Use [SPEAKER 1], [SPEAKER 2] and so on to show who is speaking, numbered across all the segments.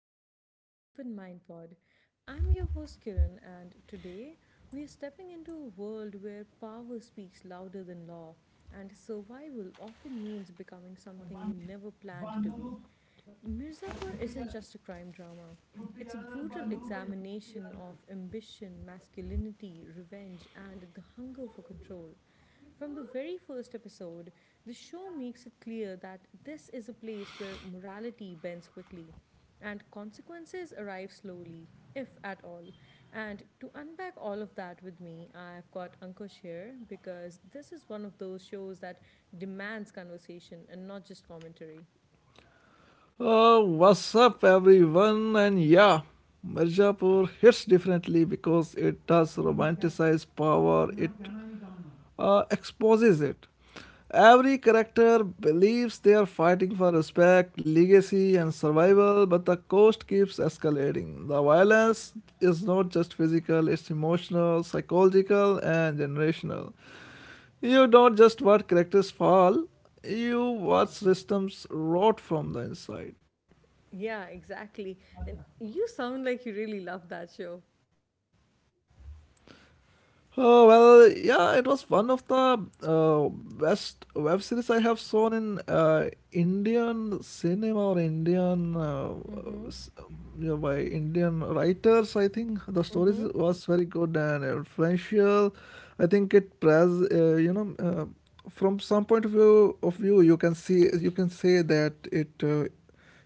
[SPEAKER 1] back to the Open Mind Pod. I'm your host, Kiran, and today we are stepping into a world where power speaks louder than law, and survival often means becoming something you never planned to be. Mirzapur isn't just a crime drama. It's a brutal examination of ambition, masculinity, revenge, and the hunger for control. From the very first episode, the show makes it clear that this is a place where morality bends quickly and consequences arrive slowly, if at all. And to unpack all of that with me, I've got Ankush here because this is one of those shows that demands conversation and not just commentary.
[SPEAKER 2] Oh, what's up, everyone? And yeah, Mirzapur hits differently because it does romanticize power, it exposes it. Every character believes they are fighting for respect, legacy, and survival, but the cost keeps escalating. The violence is not just physical, it's emotional, psychological, and generational. You don't just watch characters fall, you watch systems rot from the inside.
[SPEAKER 1] Yeah, exactly. And you sound like you really love that show.
[SPEAKER 2] Oh well, yeah, it was one of the best web series I have seen in Indian cinema or Indian
[SPEAKER 1] Mm-hmm.
[SPEAKER 2] s- by Indian writers. I think the stories
[SPEAKER 1] Mm-hmm.
[SPEAKER 2] was very good and influential. I think it pres you know from some point of view you can say that it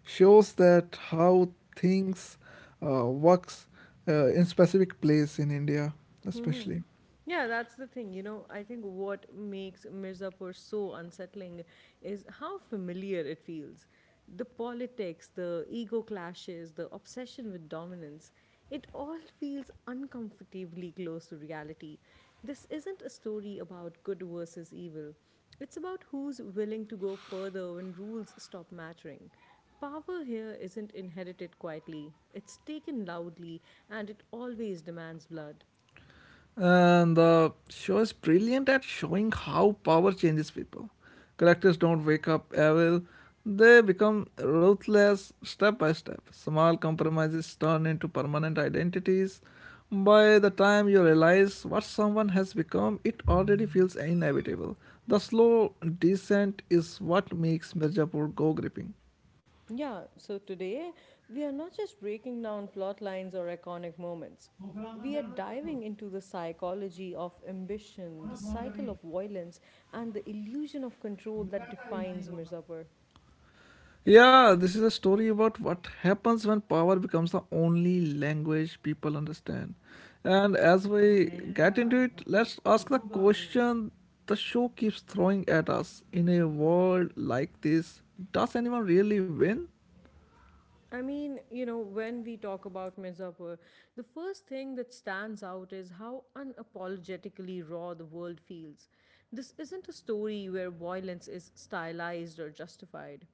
[SPEAKER 2] shows that how things works in specific place in India, especially.
[SPEAKER 1] Yeah, that's the thing. You know, I think what makes Mirzapur so unsettling is how familiar it feels. The politics, the ego clashes, the obsession with dominance, it all feels uncomfortably close to reality. This isn't a story about good versus evil, it's about who's willing to go further when rules stop mattering. Power here isn't inherited quietly, it's taken loudly, and it always demands blood.
[SPEAKER 2] And the show is brilliant at showing how power changes people. Characters don't wake up evil, they become ruthless step by step. Small compromises turn into permanent identities. By the time you realize what someone has become, it already feels inevitable. The slow descent is what makes Mirzapur go gripping.
[SPEAKER 1] Yeah, so today we are not just breaking down plot lines or iconic moments. We are diving into the psychology of ambition, the cycle of violence, and the illusion of control that defines Mirzapur.
[SPEAKER 2] Yeah, this is a story about what happens when power becomes the only language people understand. And as we get into it, let's ask the question the show keeps throwing at us in a world like this, does anyone really win?
[SPEAKER 1] I mean, you know, when we talk about Mirzapur, the first thing that stands out is how unapologetically raw the world feels. This isn't a story where violence is stylized or justified.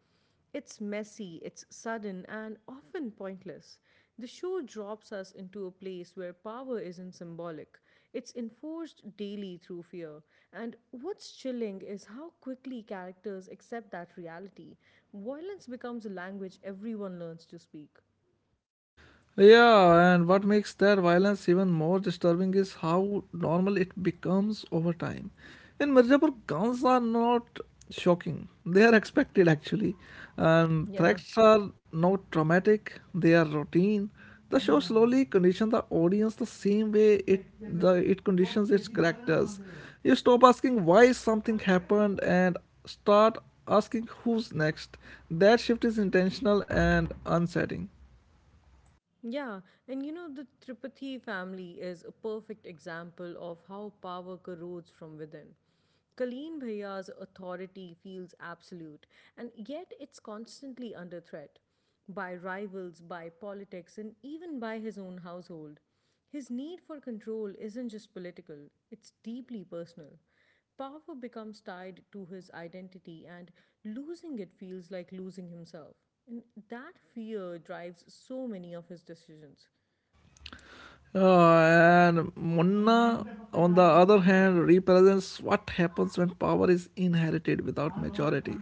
[SPEAKER 1] It's messy, it's sudden, and often pointless. The show drops us into a place where power isn't symbolic, it's enforced daily through fear. And what's chilling is how quickly characters accept that reality. Violence becomes a language everyone learns to speak.
[SPEAKER 2] Yeah, and what makes that violence even more disturbing is how normal it becomes over time. In Mirzapur, guns are not shocking, they are expected actually. And
[SPEAKER 1] Yeah.
[SPEAKER 2] threats are not traumatic, they are routine. The show slowly conditions the audience the same way it conditions its characters. You stop asking why something happened and start asking who's next. That shift is intentional and unsettling.
[SPEAKER 1] Yeah, and you know, the Tripathi family is a perfect example of how power corrodes from within. Kaleen Bhaiya's authority feels absolute, and yet it's constantly under threat by rivals, by politics, and even by his own household. His need for control isn't just political, it's deeply personal. Power becomes tied to his identity, and losing it feels like losing himself. And that fear drives so many of his decisions.
[SPEAKER 2] And Munna, on the other hand, represents what happens when power is inherited without maturity.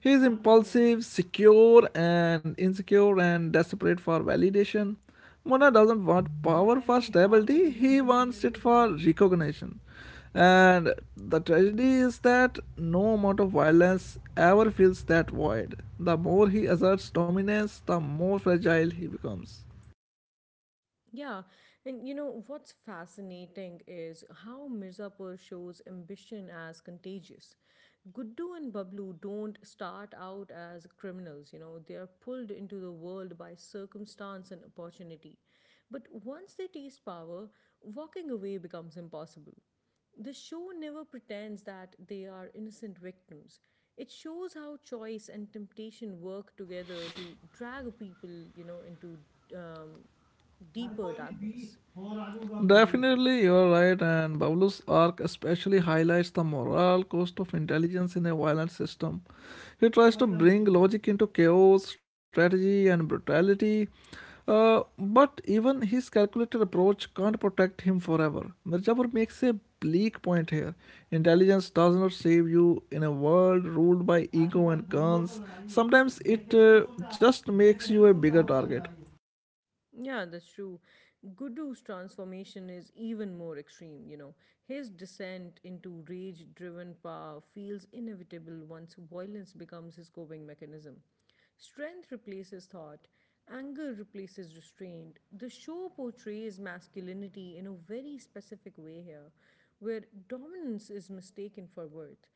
[SPEAKER 2] He is impulsive, secure, and insecure, and desperate for validation. Munna doesn't want power for stability, he wants it for recognition. And the tragedy is that no amount of violence ever fills that void. The more he asserts dominance, the more fragile he becomes.
[SPEAKER 1] Yeah, and you know what's fascinating is how Mirzapur shows ambition as contagious. Guddu and Bablu don't start out as criminals, you know, they are pulled into the world by circumstance and opportunity. But once they taste power, walking away becomes impossible. The show never pretends that they are innocent victims. It shows how choice and temptation work together to drag people, you know, into um, deeper darkness.
[SPEAKER 2] Definitely, you are right, and Bablu's arc especially highlights the moral cost of intelligence in a violent system. He tries to bring logic into chaos, strategy, and brutality, but even his calculated approach can't protect him forever. Mirzapur makes a bleak point here. Intelligence does not save you in a world ruled by ego and guns. Sometimes it just makes you a bigger target.
[SPEAKER 1] Yeah, that's true. Gudu's transformation is even more extreme, you know. His descent into rage driven power feels inevitable once violence becomes his coping mechanism. Strength replaces thought, anger replaces restraint. The show portrays masculinity in a very specific way here, where dominance is mistaken for worth.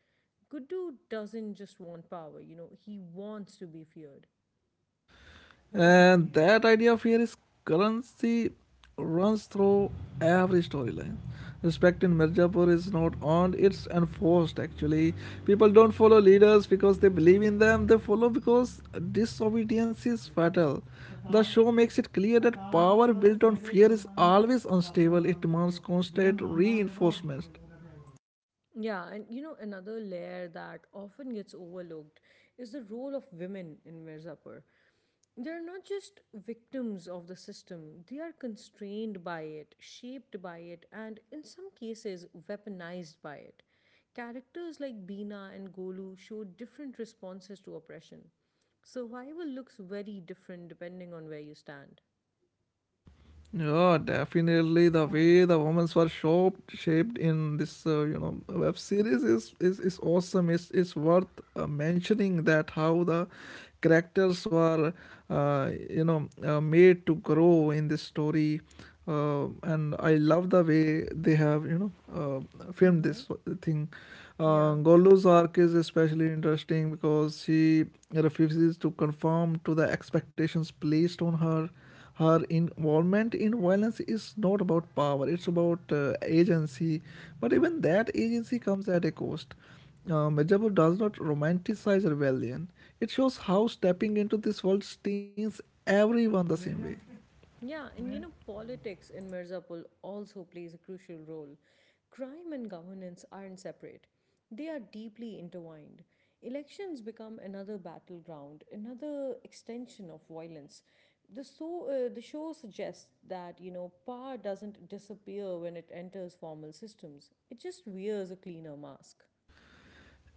[SPEAKER 1] Gudu doesn't just want power, you know, he wants to be feared.
[SPEAKER 2] And that idea of fear is currency runs through every storyline. Respect in Mirzapur is not earned, it's enforced actually. People don't follow leaders because they believe in them, they follow because disobedience is fatal. The show makes it clear that power built on fear is always unstable, it demands constant reinforcement.
[SPEAKER 1] Yeah, and you know, another layer that often gets overlooked is the role of women in Mirzapur. They're not just victims of the system, they are constrained by it, shaped by it, and in some cases, weaponized by it. Characters like Beena and Golu show different responses to oppression. Survival looks very different depending on where you stand.
[SPEAKER 2] Yeah, definitely. The way the women's were shaped in this, web series is awesome. It's worth mentioning that how the characters were, made to grow in this story, and I love the way they have, filmed
[SPEAKER 1] Mm-hmm.
[SPEAKER 2] this thing.
[SPEAKER 1] Yeah.
[SPEAKER 2] Gollu's arc is especially interesting because she refuses to conform to the expectations placed on her, her involvement in violence is not about power, it's about agency, but even that agency comes at a cost. Medjabur does not romanticize rebellion. It shows how stepping into this world stains everyone the same way.
[SPEAKER 1] Yeah, and you know, politics in Mirzapur also plays a crucial role. Crime and governance aren't separate, they are deeply intertwined. Elections become another battleground, another extension of violence. The show suggests that, you know, power doesn't disappear when it enters formal systems, it just wears a cleaner mask.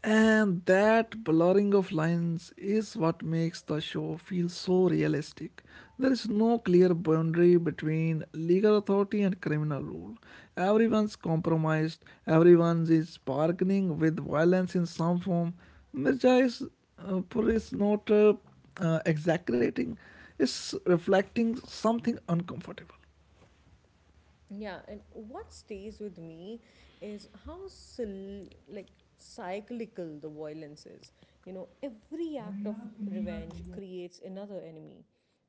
[SPEAKER 2] And that blurring of lines is what makes the show feel so realistic. There is no clear boundary between legal authority and criminal rule. Everyone's compromised, everyone is bargaining with violence in some form. Mirza uh, is not exaggerating, it's reflecting something uncomfortable.
[SPEAKER 1] Yeah, and what stays with me is how cyclical the violence is. You know, every act of revenge creates another enemy.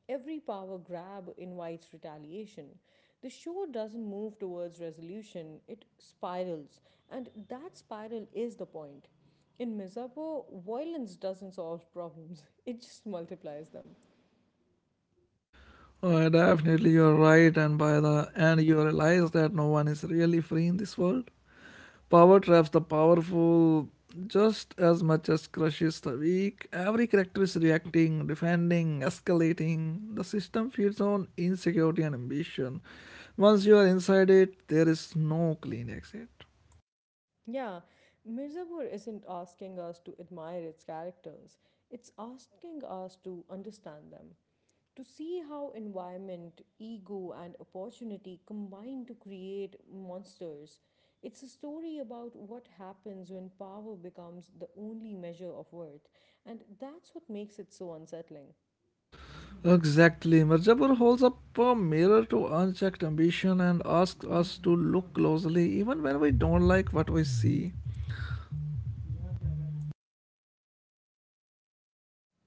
[SPEAKER 1] Every power grab invites retaliation. The show doesn't move towards resolution, it spirals, and that spiral is the point. In Misapo, violence doesn't solve problems, it just multiplies them.
[SPEAKER 2] Definitely, you're right, and by the end, you realize that no one is really free in this world. Power traps the powerful just as much as crushes the weak. Every character is reacting, defending, escalating. The system feeds on insecurity and ambition. Once you are inside it, there is no clean exit.
[SPEAKER 1] Yeah, Mirzapur isn't asking us to admire its characters. It's asking us to understand them, to see how environment, ego, and opportunity combine to create monsters. It's a story about what happens when power becomes the only measure of worth, and that's what makes it so unsettling.
[SPEAKER 2] Exactly. Mirzapur holds up a mirror to unchecked ambition and asks us to look closely even when we don't like what we see.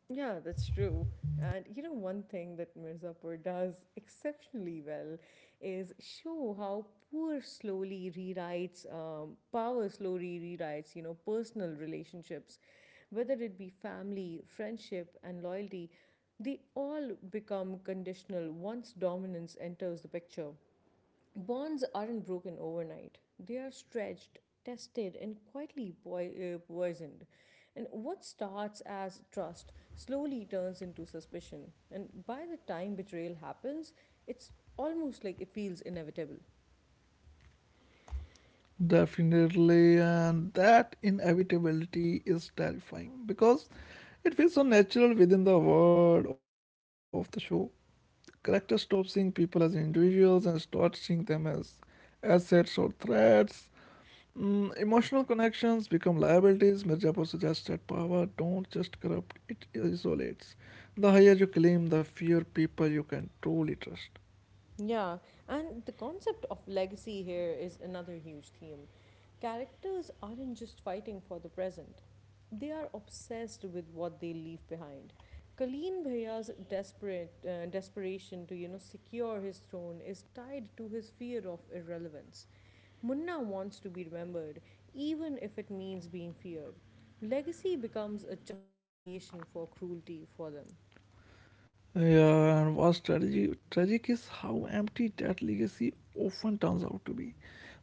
[SPEAKER 1] Yeah, that's true. And you know, one thing that Mirzapur does exceptionally well is show how power slowly rewrites, you know, personal relationships, whether it be family, friendship, and loyalty, they all become conditional once dominance enters the picture. Bonds aren't broken overnight. They are stretched, tested, and quietly poisoned. And what starts as trust slowly turns into suspicion. And by the time betrayal happens, it's almost like it feels inevitable.
[SPEAKER 2] Definitely, and that inevitability is terrifying because it feels so natural within the world of the show. Characters stop seeing people as individuals and start seeing them as assets or threats. Mm, emotional connections become liabilities. Mirzapur suggests that power don't just corrupt, it isolates. The higher you claim, the fewer people you can truly trust.
[SPEAKER 1] Yeah, and the concept of legacy here is another huge theme. Characters aren't just fighting for the present, they are obsessed with what they leave behind. Kaleen Bhaya's desperate desperation to you know secure his throne is tied to his fear of irrelevance. Munna wants to be remembered, even if it means being feared. Legacy becomes a justification for cruelty for them.
[SPEAKER 2] Yeah, and what's strategy? Tragic is how empty that legacy often turns out to be.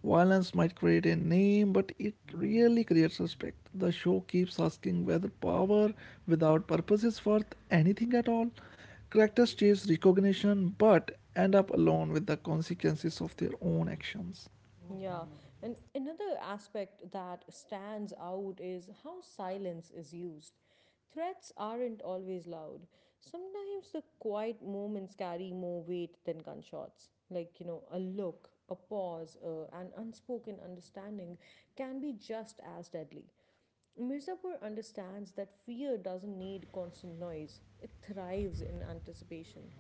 [SPEAKER 2] Violence might create a name, but it really creates respect. The show keeps asking whether power without purpose is worth anything at all. Characters chase recognition, but end up alone with the consequences of their own actions.
[SPEAKER 1] Yeah, and another aspect that stands out is how silence is used. Threats aren't always loud. Sometimes the quiet moments carry more weight than gunshots. Like, you know, a look, a pause, an unspoken understanding can be just as deadly. Mirzapur understands that fear doesn't need constant noise, it thrives in anticipation.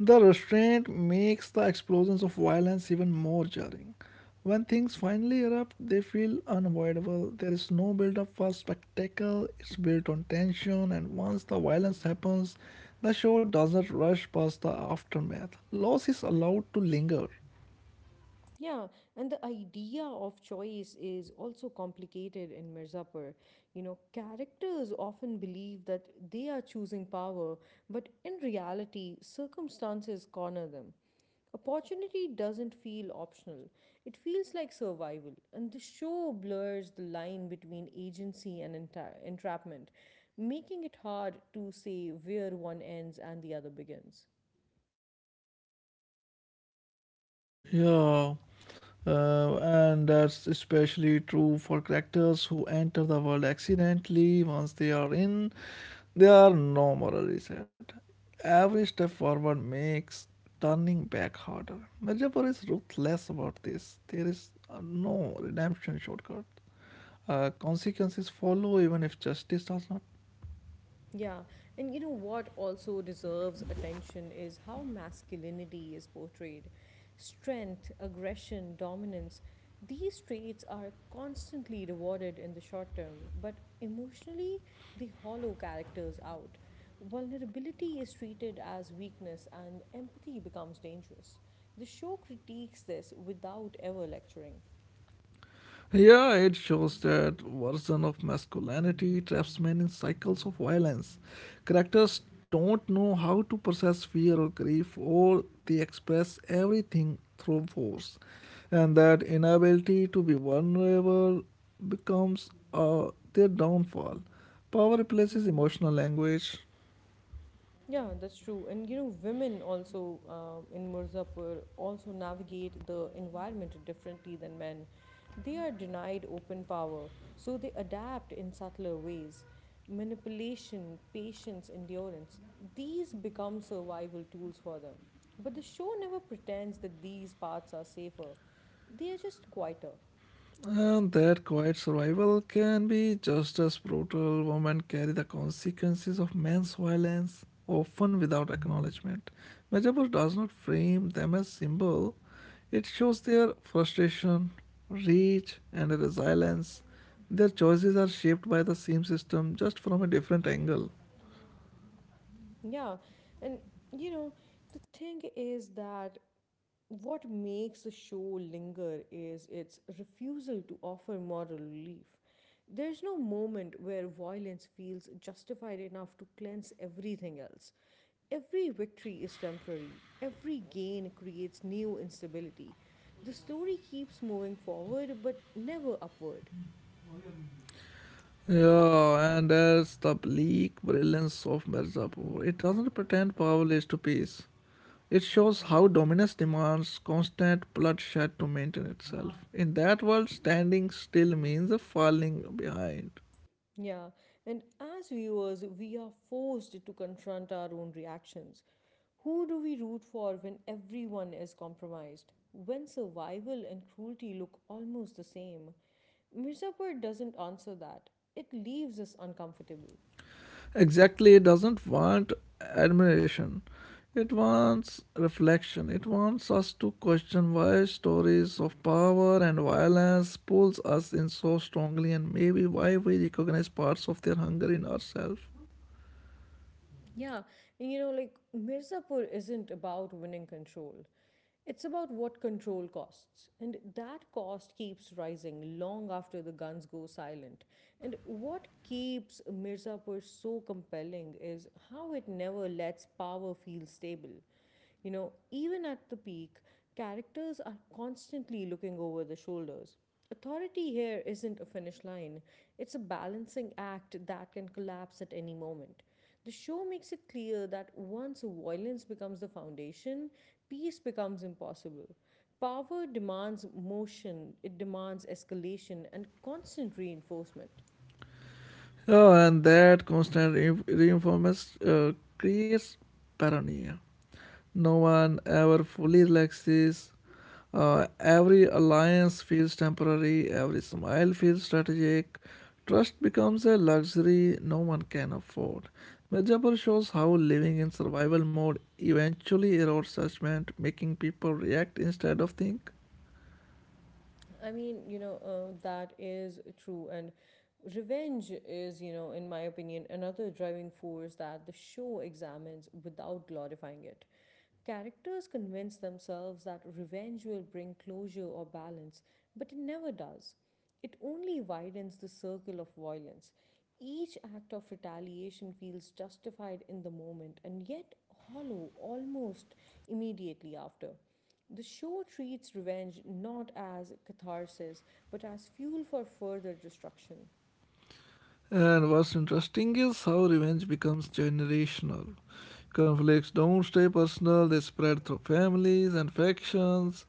[SPEAKER 2] The restraint makes the explosions of violence even more jarring. When things finally erupt, they feel unavoidable. There is no build up for spectacle, it's built on tension, and once the violence happens, the show doesn't rush past the aftermath. Loss is allowed to linger.
[SPEAKER 1] Yeah, and the idea of choice is also complicated in Mirzapur. You know, characters often believe that they are choosing power, but in reality, circumstances corner them. Opportunity doesn't feel optional, it feels like survival, and the show blurs the line between agency and entrapment, making it hard to say where one ends and the other begins.
[SPEAKER 2] Yeah, and that's especially true for characters who enter the world accidentally. Once they are in, they are no moral reset. Every step forward makes turning back harder. Mirjapur is ruthless about this. There is no redemption shortcut. Consequences follow even if justice does not.
[SPEAKER 1] Yeah, and you know what also deserves attention is how masculinity is portrayed. Strength, aggression, dominance, these traits are constantly rewarded in the short term, but emotionally, they hollow characters out. Vulnerability is treated as weakness, and empathy becomes dangerous. The show critiques this without ever lecturing.
[SPEAKER 2] Yeah, it shows that version of masculinity traps men in cycles of violence. Characters don't know how to process fear or grief, or they express everything through force. And that inability to be vulnerable becomes their downfall. Power replaces emotional language.
[SPEAKER 1] Yeah, that's true. And you know, women also in Mirzapur also navigate the environment differently than men. They are denied open power, so they adapt in subtler ways. Manipulation, patience, endurance, these become survival tools for them. But the show never pretends that these paths are safer, they are just quieter.
[SPEAKER 2] And that quiet survival can be just as brutal. Women carry the consequences of men's violence, often without acknowledgement. Majapur does not frame them as symbol, it shows their frustration, rage, and resilience. Their choices are shaped by the same system, just from a different angle.
[SPEAKER 1] Yeah, and you know, the thing is that what makes the show linger is its refusal to offer moral relief. There's no moment where violence feels justified enough to cleanse everything else. Every victory is temporary, every gain creates new instability. The story keeps moving forward but never upward.
[SPEAKER 2] Yeah, and that's the bleak brilliance of Mirzapur. It doesn't pretend power leads to peace. It shows how dominance demands constant bloodshed to maintain itself. In that world, standing still means a falling behind.
[SPEAKER 1] Yeah, and as viewers, we are forced to confront our own reactions. Who do we root for when everyone is compromised? When survival and cruelty look almost the same? Mirzapur doesn't answer that. It leaves us uncomfortable.
[SPEAKER 2] Exactly, it doesn't want admiration. It wants reflection. It wants us to question why stories of power and violence pulls us in so strongly and maybe why we recognize parts of their hunger in ourselves.
[SPEAKER 1] Yeah, you know, like Mirzapur isn't about winning control. It's about what control costs. And that cost keeps rising long after the guns go silent. And what keeps Mirzapur so compelling is how it never lets power feel stable. You know, even at the peak, characters are constantly looking over their shoulders. Authority here isn't a finish line, it's a balancing act that can collapse at any moment. The show makes it clear that once violence becomes the foundation, peace becomes impossible. Power demands motion, it demands escalation and constant reinforcement.
[SPEAKER 2] Oh, and that constant reinforcement creates paranoia. No one ever fully relaxes. Every alliance feels temporary, every smile feels strategic. Trust becomes a luxury no one can afford. Mirzapur shows how living in survival mode eventually erodes judgment, making people react instead of think.
[SPEAKER 1] I mean, you know, that is true. And revenge is, you know, in my opinion, another driving force that the show examines without glorifying it. Characters convince themselves that revenge will bring closure or balance, but it never does. It only widens the circle of violence. Each act of retaliation feels justified in the moment and yet hollow almost immediately after. The show treats revenge not as catharsis but as fuel for further destruction.
[SPEAKER 2] And what's interesting is how revenge becomes generational. Conflicts don't stay personal, they spread through families and factions.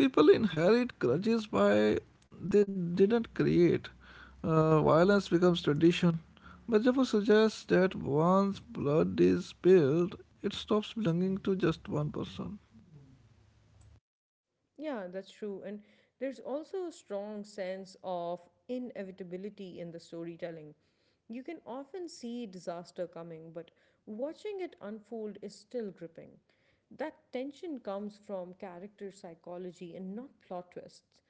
[SPEAKER 2] People inherit grudges by they didn't create. Violence becomes tradition. Bajavo suggests that once blood is spilled, it stops belonging to just one person.
[SPEAKER 1] Yeah, that's true. And there's also a strong sense of inevitability in the storytelling. You can often see disaster coming, but watching it unfold is still gripping. That tension comes from character psychology and not plot twists.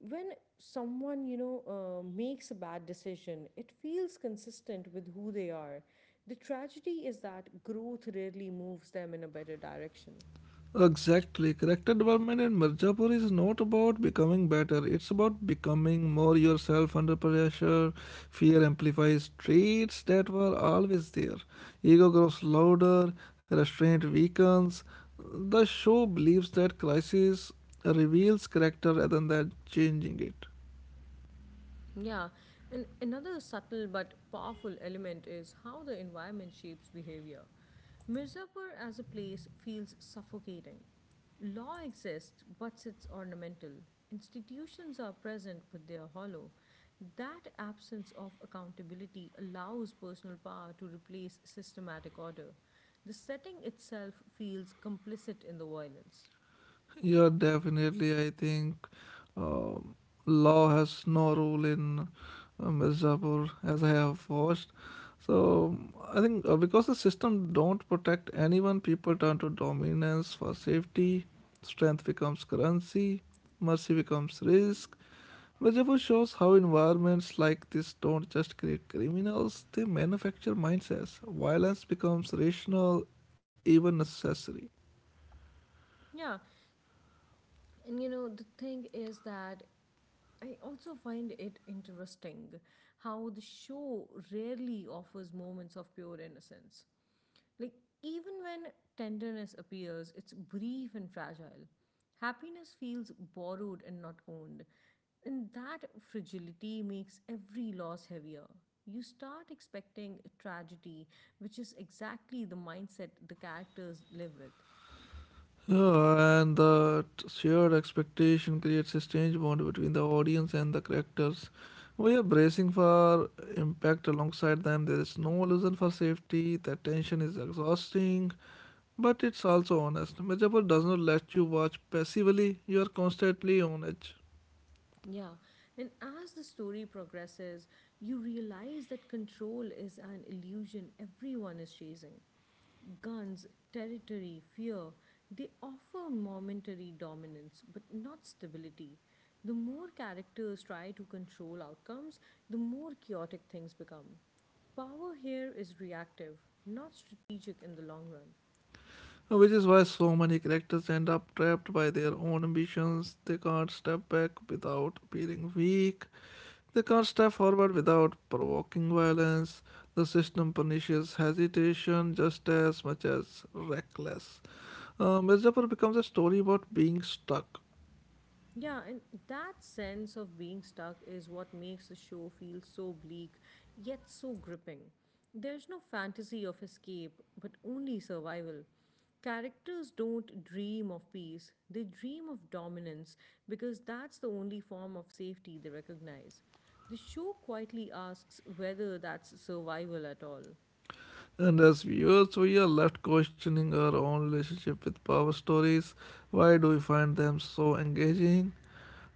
[SPEAKER 1] When someone, you know, makes a bad decision, it feels consistent with who they are. The tragedy is that growth rarely moves them in a better direction.
[SPEAKER 2] Exactly. Character development in Mirzapur is not about becoming better. It's about becoming more yourself under pressure. Fear amplifies traits that were always there. Ego grows louder, restraint weakens. The show believes that crisis reveals character rather than changing it.
[SPEAKER 1] Yeah, and another subtle but powerful element is how the environment shapes behavior. Mirzapur as a place feels suffocating. Law exists, but it's ornamental. Institutions are present, but they are hollow. That absence of accountability allows personal power to replace systematic order. The setting itself feels complicit in the violence.
[SPEAKER 2] Yeah, definitely. I think um, law has no role in Mirzapur, as I have watched. So I think because the system don't protect anyone, people turn to dominance for safety. Strength becomes currency. Mercy becomes risk. Mirzapur shows how environments like this don't just create criminals; they manufacture mindsets. Violence becomes rational, even necessary.
[SPEAKER 1] Yeah, and you know, the thing is that I also find it interesting how the show rarely offers moments of pure innocence. Like, even when tenderness appears, it's brief and fragile. Happiness feels borrowed and not owned. And that fragility makes every loss heavier. You start expecting tragedy, which is exactly the mindset the characters live with.
[SPEAKER 2] And that shared expectation creates a strange bond between the audience and the characters. We are bracing for impact alongside them. There is no illusion for safety. The tension is exhausting, but it's also honest. Majapur does not let you watch passively. You are constantly on edge,
[SPEAKER 1] Yeah, and as the story progresses, you realize that control is an illusion everyone is chasing. Guns, territory, fear, they offer momentary dominance but not stability. The more characters try to control outcomes, the more chaotic things become. Power here is reactive, not strategic in the long run.
[SPEAKER 2] which is why so many characters end up trapped by their own ambitions. They can't step back without appearing weak. They can't step forward without provoking violence. The system punishes hesitation just as much as reckless. Mirzapur becomes a story about being stuck.
[SPEAKER 1] Yeah, and that sense of being stuck is what makes the show feel so bleak yet so gripping. There's no fantasy of escape, but only survival. Characters don't dream of peace, they dream of dominance because that's the only form of safety they recognize. The show quietly asks whether that's survival at all.
[SPEAKER 2] And as viewers, we are left questioning our own relationship with power stories. Why do we find them so engaging?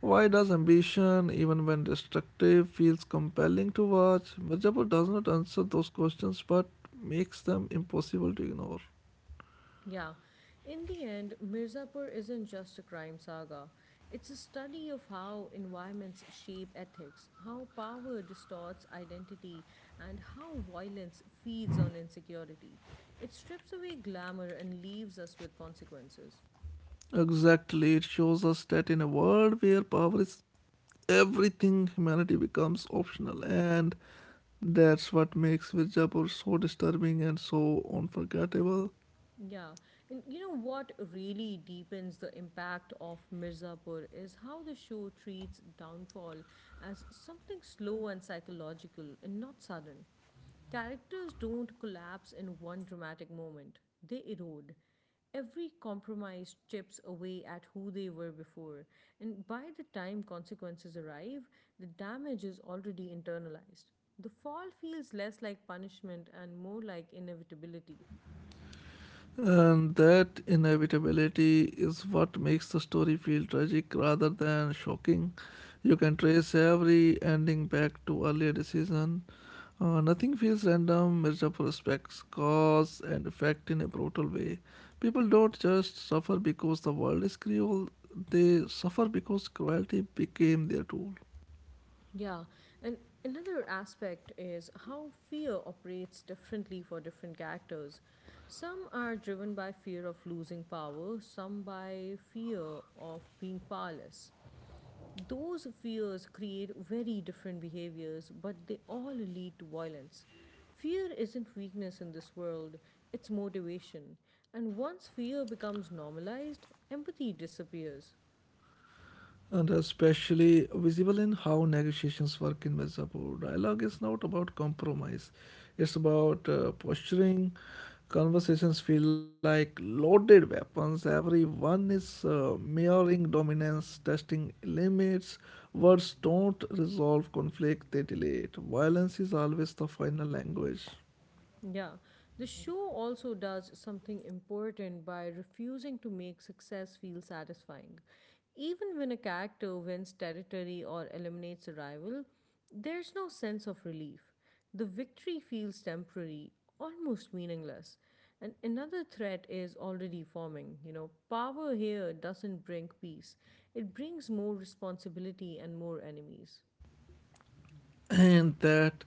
[SPEAKER 2] Why does ambition, even when destructive, feels compelling to watch? Mirzapur does not answer those questions but makes them impossible to ignore.
[SPEAKER 1] Yeah. In the end, Mirzapur isn't just a crime saga. It's a study of how environments shape ethics, how power distorts identity, and how violence feeds on insecurity. It strips away glamour and leaves us with consequences.
[SPEAKER 2] Exactly. It shows us that in a world where power is everything, humanity becomes optional. And that's what makes Virzapur so disturbing and so unforgettable.
[SPEAKER 1] Yeah, and what really deepens the impact of Mirzapur is how the show treats downfall as something slow and psychological and not sudden. Characters don't collapse in one dramatic moment, they erode. Every compromise chips away at who they were before, and by the time consequences arrive, the damage is already internalized. The fall feels less like punishment and more like inevitability.
[SPEAKER 2] And that inevitability is what makes the story feel tragic rather than shocking. You can trace every ending back to earlier decision. Nothing feels random. Mirzapur respects cause and effect in a brutal way. People don't just suffer because the world is cruel; they suffer because cruelty became their tool.
[SPEAKER 1] Yeah, and another aspect is how fear operates differently for different characters. Some are driven by fear of losing power, some by fear of being powerless. Those fears create very different behaviors, but they all lead to violence. Fear isn't weakness in this world, it's motivation. And once fear becomes normalized, empathy disappears.
[SPEAKER 2] And especially visible in how negotiations work in Mirzapur. Dialogue is not about compromise, it's about posturing. Conversations feel like loaded weapons. Everyone is mirroring dominance, testing limits. Words don't resolve conflict, they delay it. Violence is always the final language.
[SPEAKER 1] Yeah, the show also does something important by refusing to make success feel satisfying. Even when a character wins territory or eliminates a rival, there's no sense of relief. The victory feels temporary, almost meaningless. And another threat is already forming. Power here doesn't bring peace, it brings more responsibility and more enemies.
[SPEAKER 2] And that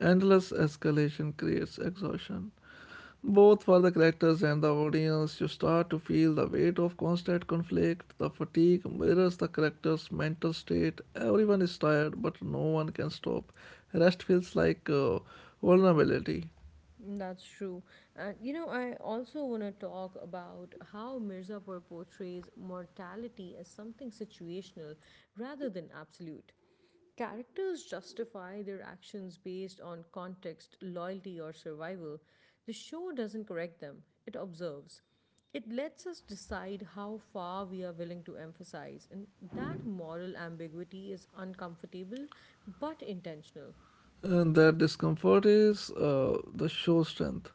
[SPEAKER 2] endless escalation creates exhaustion, both for the characters and the audience. You start to feel the weight of constant conflict. The fatigue mirrors the characters' mental state. Everyone is tired, but no one can stop. Rest feels like vulnerability.
[SPEAKER 1] That's true. And, I also want to talk about how Mirzapur portrays mortality as something situational rather than absolute. Characters justify their actions based on context, loyalty, or survival. The show doesn't correct them, it observes. It lets us decide how far we are willing to emphasize, and that moral ambiguity is uncomfortable but intentional.
[SPEAKER 2] And that discomfort is the show strength.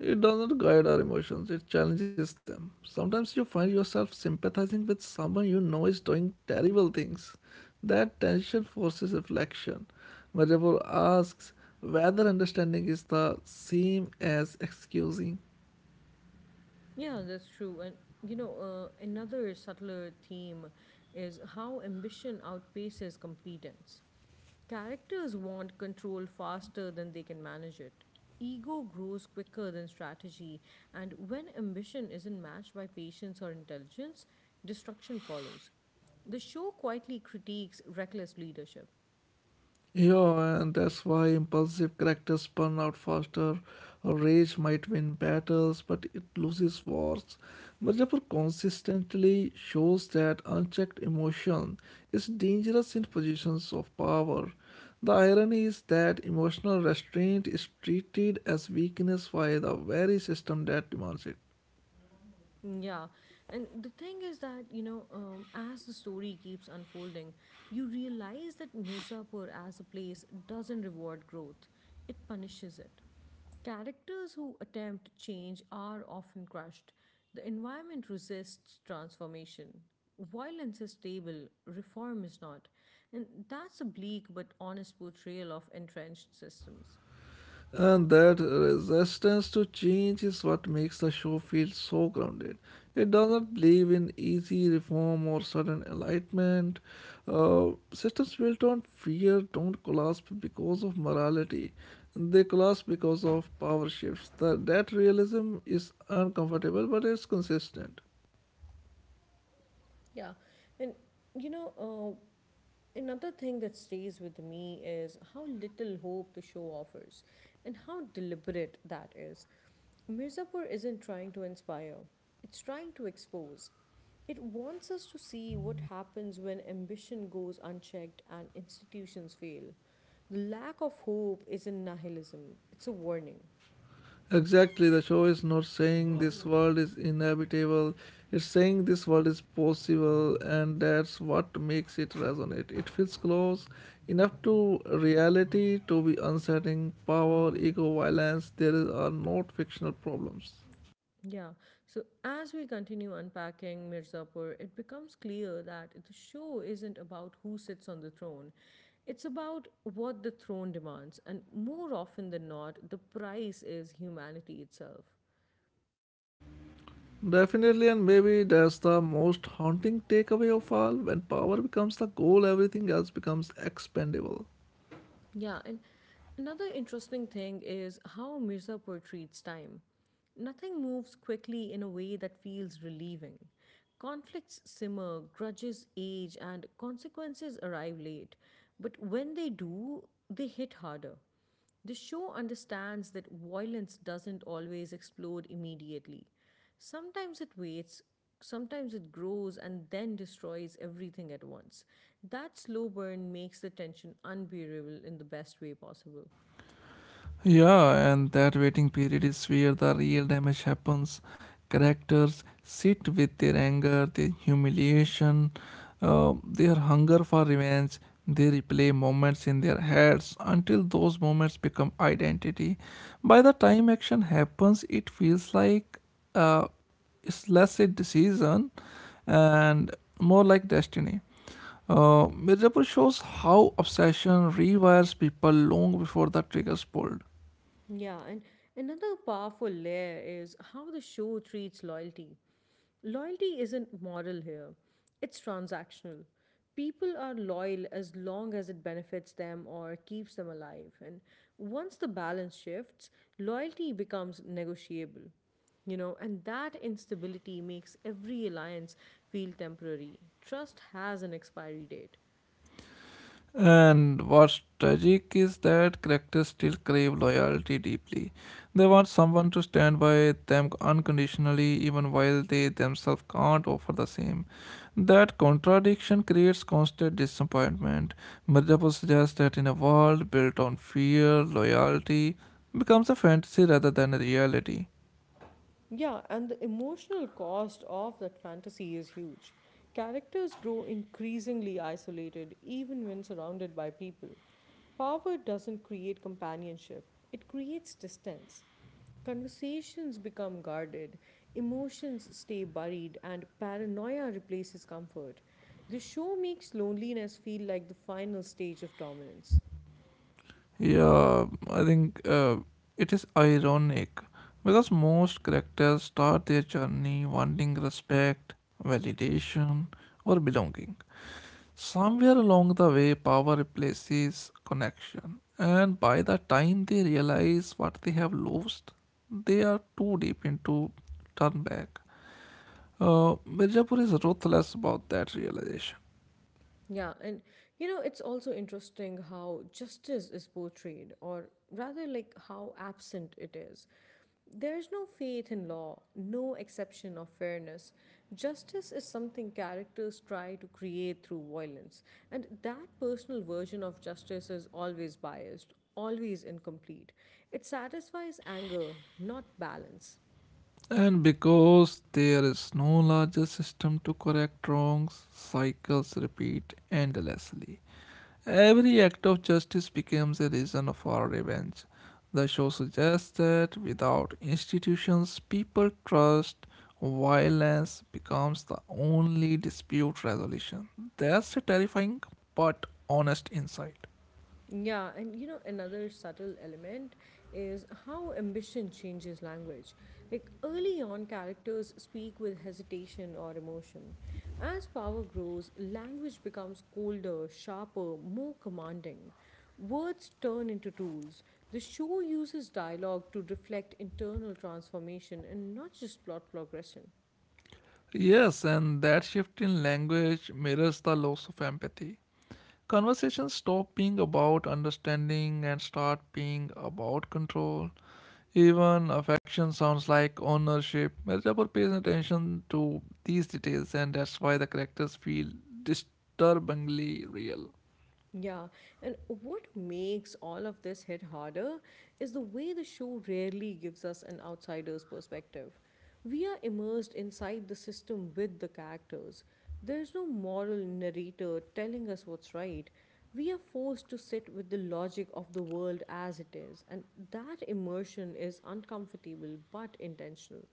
[SPEAKER 2] It does not guide our emotions, it challenges them. Sometimes you find yourself sympathizing with someone you know is doing terrible things. That tension forces reflection. Madhavpur asks whether understanding is the same as excusing.
[SPEAKER 1] Yeah, that's true. And another subtler theme is how ambition outpaces competence. Characters want control faster than they can manage it. Ego grows quicker than strategy, and when ambition isn't matched by patience or intelligence, destruction follows. The show quietly critiques reckless leadership.
[SPEAKER 2] Yeah, and that's why impulsive characters burn out faster. Rage might win battles, but it loses wars. Mirzapur consistently shows that unchecked emotion is dangerous in positions of power. The irony is that emotional restraint is treated as weakness by the very system that demands it.
[SPEAKER 1] Yeah, and the thing is that, as the story keeps unfolding, you realize that Mirzapur as a place doesn't reward growth, it punishes it. Characters who attempt change are often crushed. The environment resists transformation. Violence is stable, reform is not. And that's a bleak but honest portrayal of entrenched systems.
[SPEAKER 2] And that resistance to change is what makes the show feel so grounded. It doesn't believe in easy reform or sudden enlightenment. Systems built on fear don't collapse because of morality, they collapse because of power shifts. That realism is uncomfortable, but it's consistent.
[SPEAKER 1] Yeah, and you know, uh, another thing that stays with me is how little hope the show offers and how deliberate that is. Mirzapur isn't trying to inspire, it's trying to expose. It wants us to see what happens when ambition goes unchecked and institutions fail. The lack of hope isn't nihilism, it's a warning.
[SPEAKER 2] Exactly, the show is not saying this world is inhabitable, it's saying this world is possible, and that's what makes it resonate. It feels close enough to reality to be unsettling. Power, ego, violence, are not fictional problems.
[SPEAKER 1] Yeah. So as we continue unpacking Mirzapur, it becomes clear that the show isn't about who sits on the throne. It's about what the throne demands, and more often than not, the price is humanity itself.
[SPEAKER 2] Definitely, and maybe that's the most haunting takeaway of all. When power becomes the goal, everything else becomes expendable.
[SPEAKER 1] Yeah, and another interesting thing is how Mirzapur treats time. Nothing moves quickly in a way that feels relieving. Conflicts simmer, grudges age, and consequences arrive late. But when they do, they hit harder. The show understands that violence doesn't always explode immediately. Sometimes it waits, sometimes it grows and then destroys everything at once. That slow burn makes the tension unbearable in the best way possible.
[SPEAKER 2] Yeah, and that waiting period is where the real damage happens. Characters sit with their anger, their humiliation, their hunger for revenge. They replay moments in their heads until those moments become identity. By the time action happens, it feels like uh, it's less a decision and more like destiny. Mirzapur shows how obsession rewires people long before the triggers pulled.
[SPEAKER 1] Yeah, and another powerful layer is how the show treats loyalty. Loyalty isn't moral here, it's transactional. People are loyal as long as it benefits them or keeps them alive. And once the balance shifts, loyalty becomes negotiable. And that instability makes every alliance feel temporary. Trust has an expiry date.
[SPEAKER 2] And what's tragic is that characters still crave loyalty deeply. They want someone to stand by them unconditionally even while they themselves can't offer the same. That contradiction creates constant disappointment. Madhyapo suggests that in a world built on fear, loyalty becomes a fantasy rather than a reality.
[SPEAKER 1] Yeah, and the emotional cost of that fantasy is huge. Characters grow increasingly isolated even when surrounded by people. Power doesn't create companionship, it creates distance. Conversations become guarded, emotions stay buried, and paranoia replaces comfort. The show makes loneliness feel like the final stage of dominance.
[SPEAKER 2] Yeah, I think it is ironic because most characters start their journey wanting respect, validation, or belonging. Somewhere along the way, power replaces connection, and by the time they realize what they have lost, they are too deep into turn back. Mirzapur is ruthless about that realization.
[SPEAKER 1] Yeah, and, it's also interesting how justice is portrayed, or rather, like how absent it is. There's no faith in law, no exception of fairness. Justice is something characters try to create through violence, and that personal version of justice is always biased, always incomplete. It satisfies anger, not balance.
[SPEAKER 2] And because there is no larger system to correct wrongs, cycles repeat endlessly. Every act of justice becomes a reason for revenge. The show suggests that without institutions people trust, violence becomes the only dispute resolution. That's a terrifying but honest insight.
[SPEAKER 1] Yeah, and another subtle element is how ambition changes language. Like early on, characters speak with hesitation or emotion. As power grows, language becomes colder, sharper, more commanding. Words turn into tools. The show uses dialogue to reflect internal transformation and not just plot progression.
[SPEAKER 2] Yes, and that shift in language mirrors the loss of empathy. Conversations stop being about understanding and start being about control. Even affection sounds like ownership. Mirzapur pays attention to these details, and that's why the characters feel disturbingly real.
[SPEAKER 1] Yeah, and what makes all of this hit harder is the way the show rarely gives us an outsider's perspective. We are immersed inside the system with the characters. There's no moral narrator telling us what's right. We are forced to sit with the logic of the world as it is, and that immersion is uncomfortable but intentional.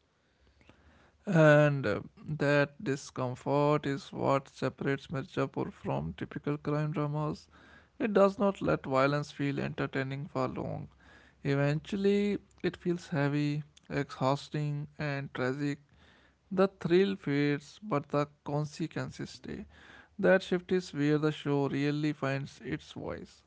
[SPEAKER 2] And that discomfort is what separates Mirzapur from typical crime dramas. It does not let violence feel entertaining for long. Eventually, it feels heavy, exhausting, and tragic. The thrill fades, but the consequences stay. That shift is where the show really finds its voice.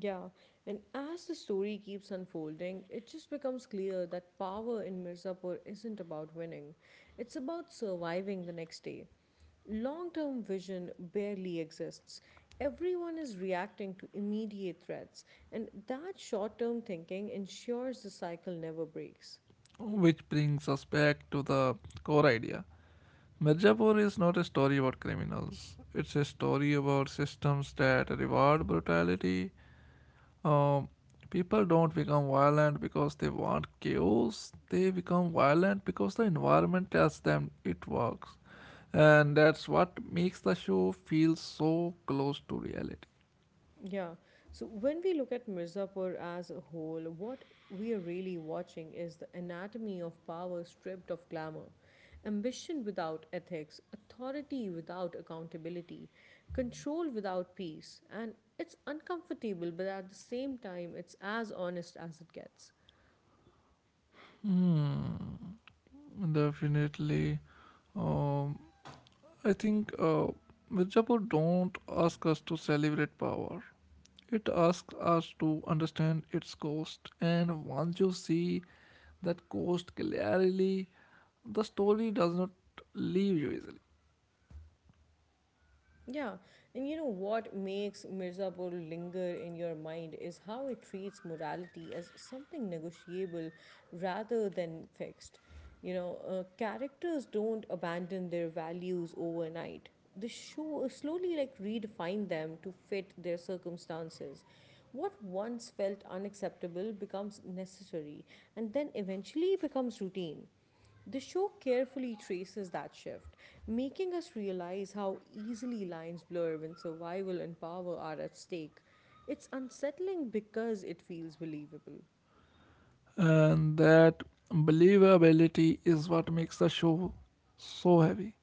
[SPEAKER 1] Yeah, and as the story keeps unfolding, it just becomes clear that power in Mirzapur isn't about winning, it's about surviving the next day. Long term vision barely exists. Everyone is reacting to immediate threats, and that short term thinking ensures the cycle never breaks.
[SPEAKER 2] Which brings us back to the core idea. Mirzapur is not a story about criminals, it's a story about systems that reward brutality. Um, People don't become violent because they want chaos, they become violent because the environment tells them it works. And that's what makes the show feel so close to reality.
[SPEAKER 1] Yeah. So when we look at Mirzapur as a whole, what we are really watching is the anatomy of power stripped of glamour, ambition without ethics, authority without accountability, control without peace. And it's uncomfortable, but at the same time, it's as honest as it gets.
[SPEAKER 2] Definitely. Um, I think Mirzapur don't ask us to celebrate power. It asks us to understand its cost, and once you see that cost clearly, the story does not leave you easily.
[SPEAKER 1] Yeah, and what makes Mirzapur linger in your mind is how it treats morality as something negotiable rather than fixed. Characters don't abandon their values overnight. The show slowly like redefine them to fit their circumstances. What once felt unacceptable becomes necessary and then eventually becomes routine. The show carefully traces that shift, making us realize how easily lines blur when survival and power are at stake. It's unsettling because it feels believable.
[SPEAKER 2] And that believability is what makes the show so heavy.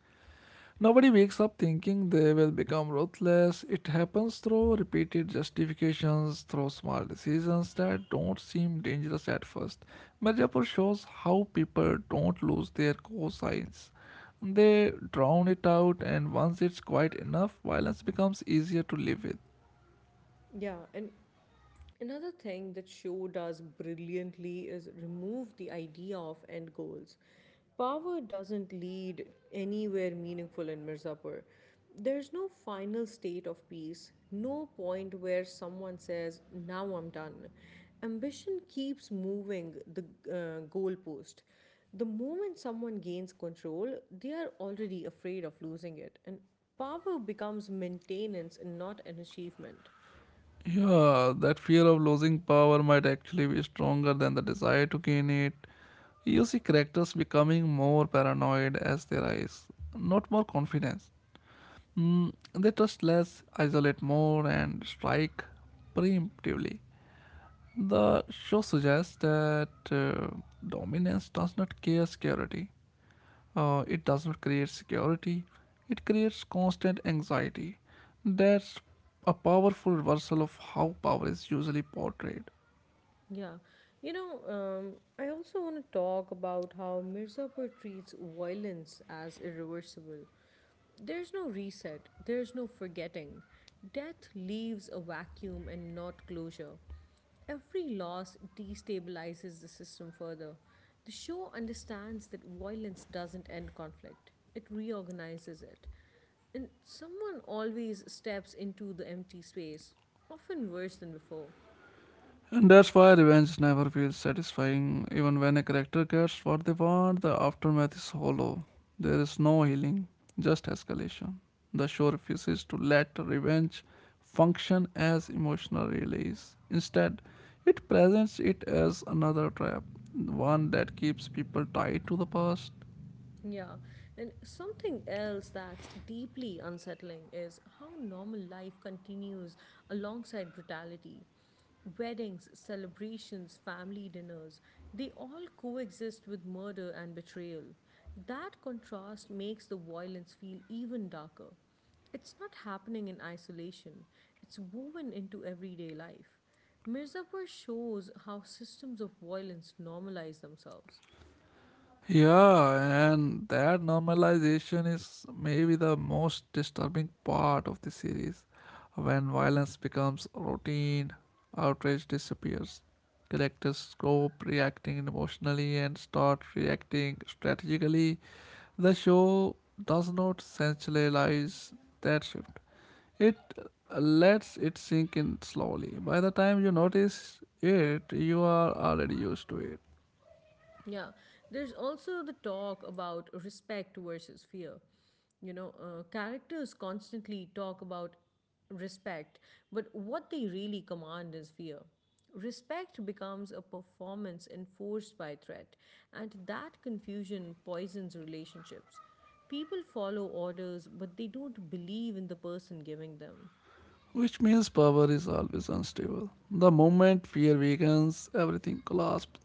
[SPEAKER 2] Nobody wakes up thinking they will become ruthless. It happens through repeated justifications, through small decisions that don't seem dangerous at first. Mirzapur shows how people don't lose their cosigns. They drown it out, and once it's quite enough, violence becomes easier to live with.
[SPEAKER 1] Yeah, and another thing that show does brilliantly is remove the idea of end goals. Power doesn't lead anywhere meaningful in Mirzapur. There's no final state of peace, no point where someone says, now I'm done. Ambition keeps moving the goalpost. The moment someone gains control, they are already afraid of losing it, and power becomes maintenance and not an achievement.
[SPEAKER 2] Yeah, that fear of losing power might actually be stronger than the desire to gain it. You see characters becoming more paranoid as they rise, not more confidence. Mm, they trust less, isolate more, and strike preemptively. The show suggests that dominance does not care security. It does not create security, it creates constant anxiety. That's a powerful reversal of how power is usually portrayed.
[SPEAKER 1] Yeah, I also want to talk about how Mirzapur treats violence as irreversible. There's no reset, there's no forgetting. Death leaves a vacuum and not closure. Every loss destabilizes the system further. The show understands that violence doesn't end conflict, it reorganizes it. And someone always steps into the empty space, often worse than before.
[SPEAKER 2] And that's why revenge never feels satisfying. Even when a character gets what they want, the aftermath is hollow. There is no healing, just escalation. The show refuses to let revenge function as emotional release. Instead, it presents it as another trap, one that keeps people tied to the past.
[SPEAKER 1] Yeah, and something else that's deeply unsettling is how normal life continues alongside brutality. Weddings, celebrations, family dinners, they all coexist with murder and betrayal. That contrast makes the violence feel even darker. It's not happening in isolation, it's woven into everyday life. Mirzapur shows how systems of violence normalize themselves.
[SPEAKER 2] Yeah, and that normalization is maybe the most disturbing part of the series. When violence becomes routine, outrage disappears. Characters stop reacting emotionally and start reacting strategically. The show does not sensationalize that shift. It lets it sink in slowly. By the time you notice it, you are already used to it.
[SPEAKER 1] Yeah, there's also the talk about respect versus fear. Characters constantly talk about respect, but what they really command is fear. Respect becomes a performance enforced by threat, and that confusion poisons relationships. People follow orders, but they don't believe in the person giving them.
[SPEAKER 2] Which means power is always unstable. The moment fear weakens, everything collapses.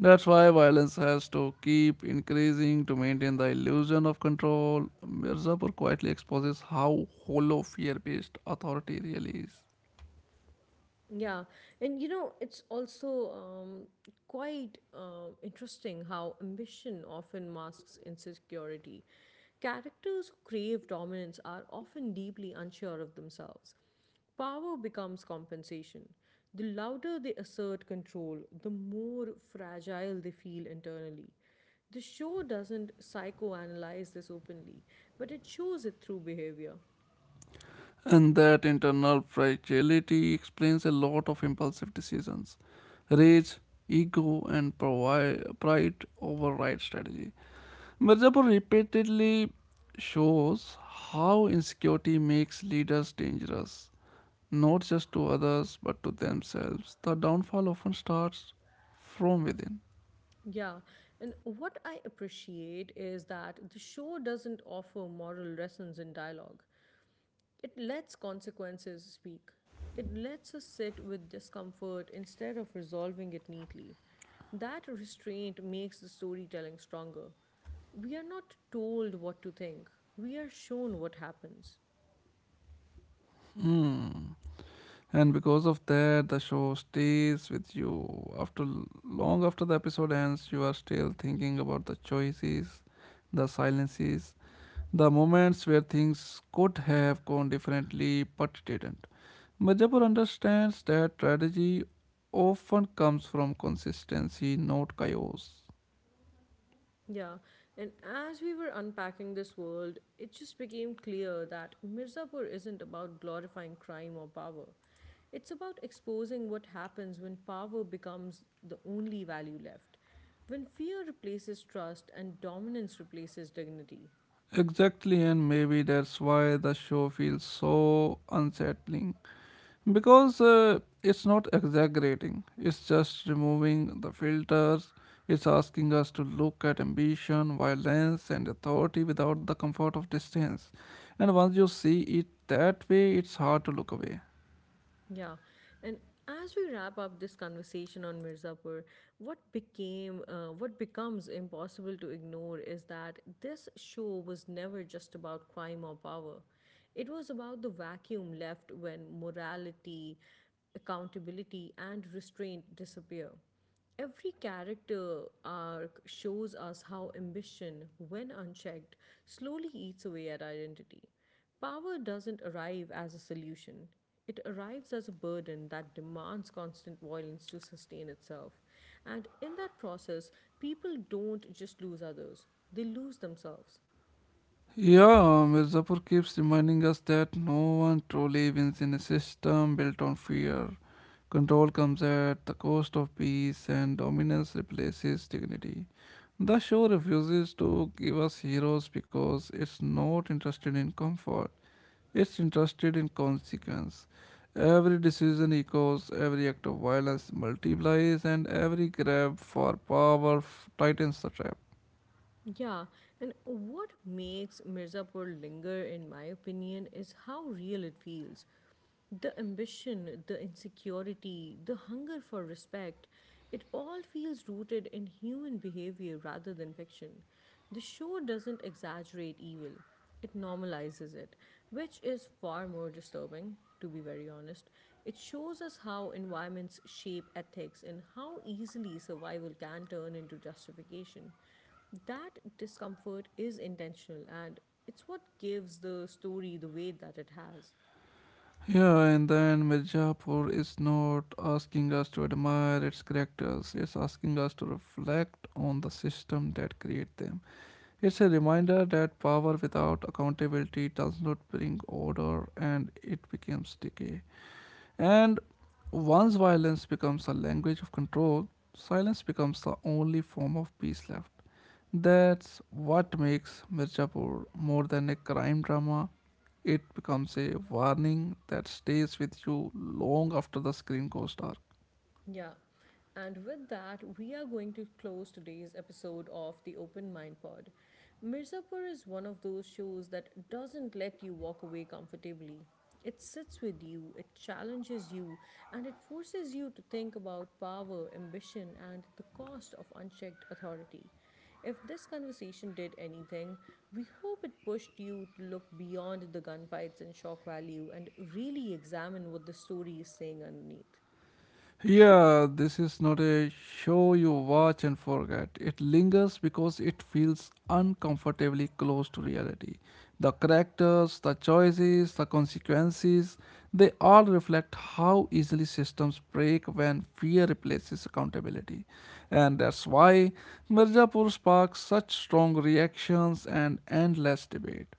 [SPEAKER 2] That's why violence has to keep increasing to maintain the illusion of control. Mirzapur quietly exposes how hollow fear based authority really is.
[SPEAKER 1] Yeah, and you know, it's also quite interesting how ambition often masks insecurity. Characters who crave dominance are often deeply unsure of themselves. Power becomes compensation. The louder they assert control, the more fragile they feel internally. The show doesn't psychoanalyze this openly, but it shows it through behavior.
[SPEAKER 2] And that internal fragility explains a lot of impulsive decisions. Rage, ego, and pride override strategy. Mirzapur repeatedly shows how insecurity makes leaders dangerous, not just to others but to themselves. The downfall often starts from within.
[SPEAKER 1] Yeah, and what I appreciate is that the show doesn't offer moral lessons in dialogue. It lets consequences speak. It lets us sit with discomfort instead of resolving it neatly. That restraint makes the storytelling stronger. We are not told what to think, we are shown what happens.
[SPEAKER 2] And because of that, the show stays with you. After long after the episode ends, you are still thinking about the choices, the silences, the moments where things could have gone differently but didn't. Majapur understands that strategy often comes from consistency, not chaos.
[SPEAKER 1] Yeah, and as we were unpacking this world, it just became clear that Mirzapur isn't about glorifying crime or power. It's about exposing what happens when power becomes the only value left, when fear replaces trust and dominance replaces dignity.
[SPEAKER 2] Exactly, and maybe that's why the show feels so unsettling, because it's not exaggerating, it's just removing the filters. It's asking us to look at ambition, violence, and authority without the comfort of distance, and once you see it that way, it's hard to look away.
[SPEAKER 1] Yeah. And as we wrap up this conversation on Mirzapur, what becomes impossible to ignore is that this show was never just about crime or power. It was about the vacuum left when morality, accountability and restraint disappear. Every character arc shows us how ambition, when unchecked, slowly eats away at identity. Power doesn't arrive as a solution, it arrives as a burden that demands constant violence to sustain itself. And in that process, people don't just lose others, they lose themselves.
[SPEAKER 2] Yeah, Mirzapur keeps reminding us that no one truly wins in a system built on fear. Control comes at the cost of peace and dominance replaces dignity. The show refuses to give us heroes because it's not interested in comfort, it's interested in consequence. Every decision echoes, every act of violence multiplies, and every grab for power tightens the trap.
[SPEAKER 1] Yeah, and what makes Mirzapur linger, in my opinion, is how real it feels. The ambition, the insecurity, the hunger for respect, it all feels rooted in human behavior rather than fiction. The show doesn't exaggerate evil, it normalizes it, which is far more disturbing, to be very honest. It shows us how environments shape ethics and how easily survival can turn into justification. That discomfort is intentional and it's what gives the story the weight that it has.
[SPEAKER 2] Yeah, and then Mirzapur is not asking us to admire its characters, it's asking us to reflect on the system that create them. It's a reminder that power without accountability does not bring order and it becomes decay. And once violence becomes a language of control, silence becomes the only form of peace left. That's what makes Mirzapur more than a crime drama. It becomes a warning that stays with you long after the screen goes dark.
[SPEAKER 1] Yeah. And with that, we are going to close today's episode of the Open Mind Pod. Mirzapur is one of those shows that doesn't let you walk away comfortably. It sits with you, it challenges you, and it forces you to think about power, ambition, and the cost of unchecked authority. If this conversation did anything, we hope it pushed you to look beyond the gunfights and shock value and really examine what the story is saying underneath.
[SPEAKER 2] Yeah, this is not a show you watch and forget. It lingers because it feels uncomfortably close to reality. The characters, the choices, the consequences, they all reflect how easily systems break when fear replaces accountability. And that's why Mirzapur sparks such strong reactions and endless debate.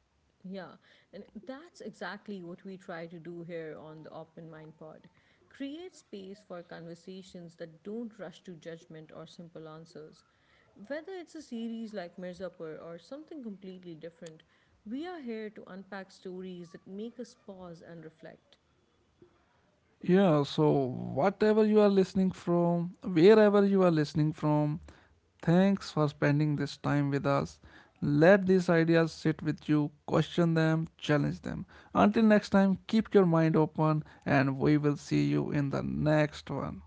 [SPEAKER 1] Yeah, and that's exactly what we try to do here on the Open Mind Pod. Create space for conversations that don't rush to judgment or simple answers. Whether it's a series like Mirzapur or something completely different, we are here to unpack stories that make us pause and reflect.
[SPEAKER 2] Yeah, so whatever you are listening from, wherever you are listening from, thanks for spending this time with us. Let these ideas sit with you, question them, challenge them. Until next time, keep your mind open, and we will see you in the next one.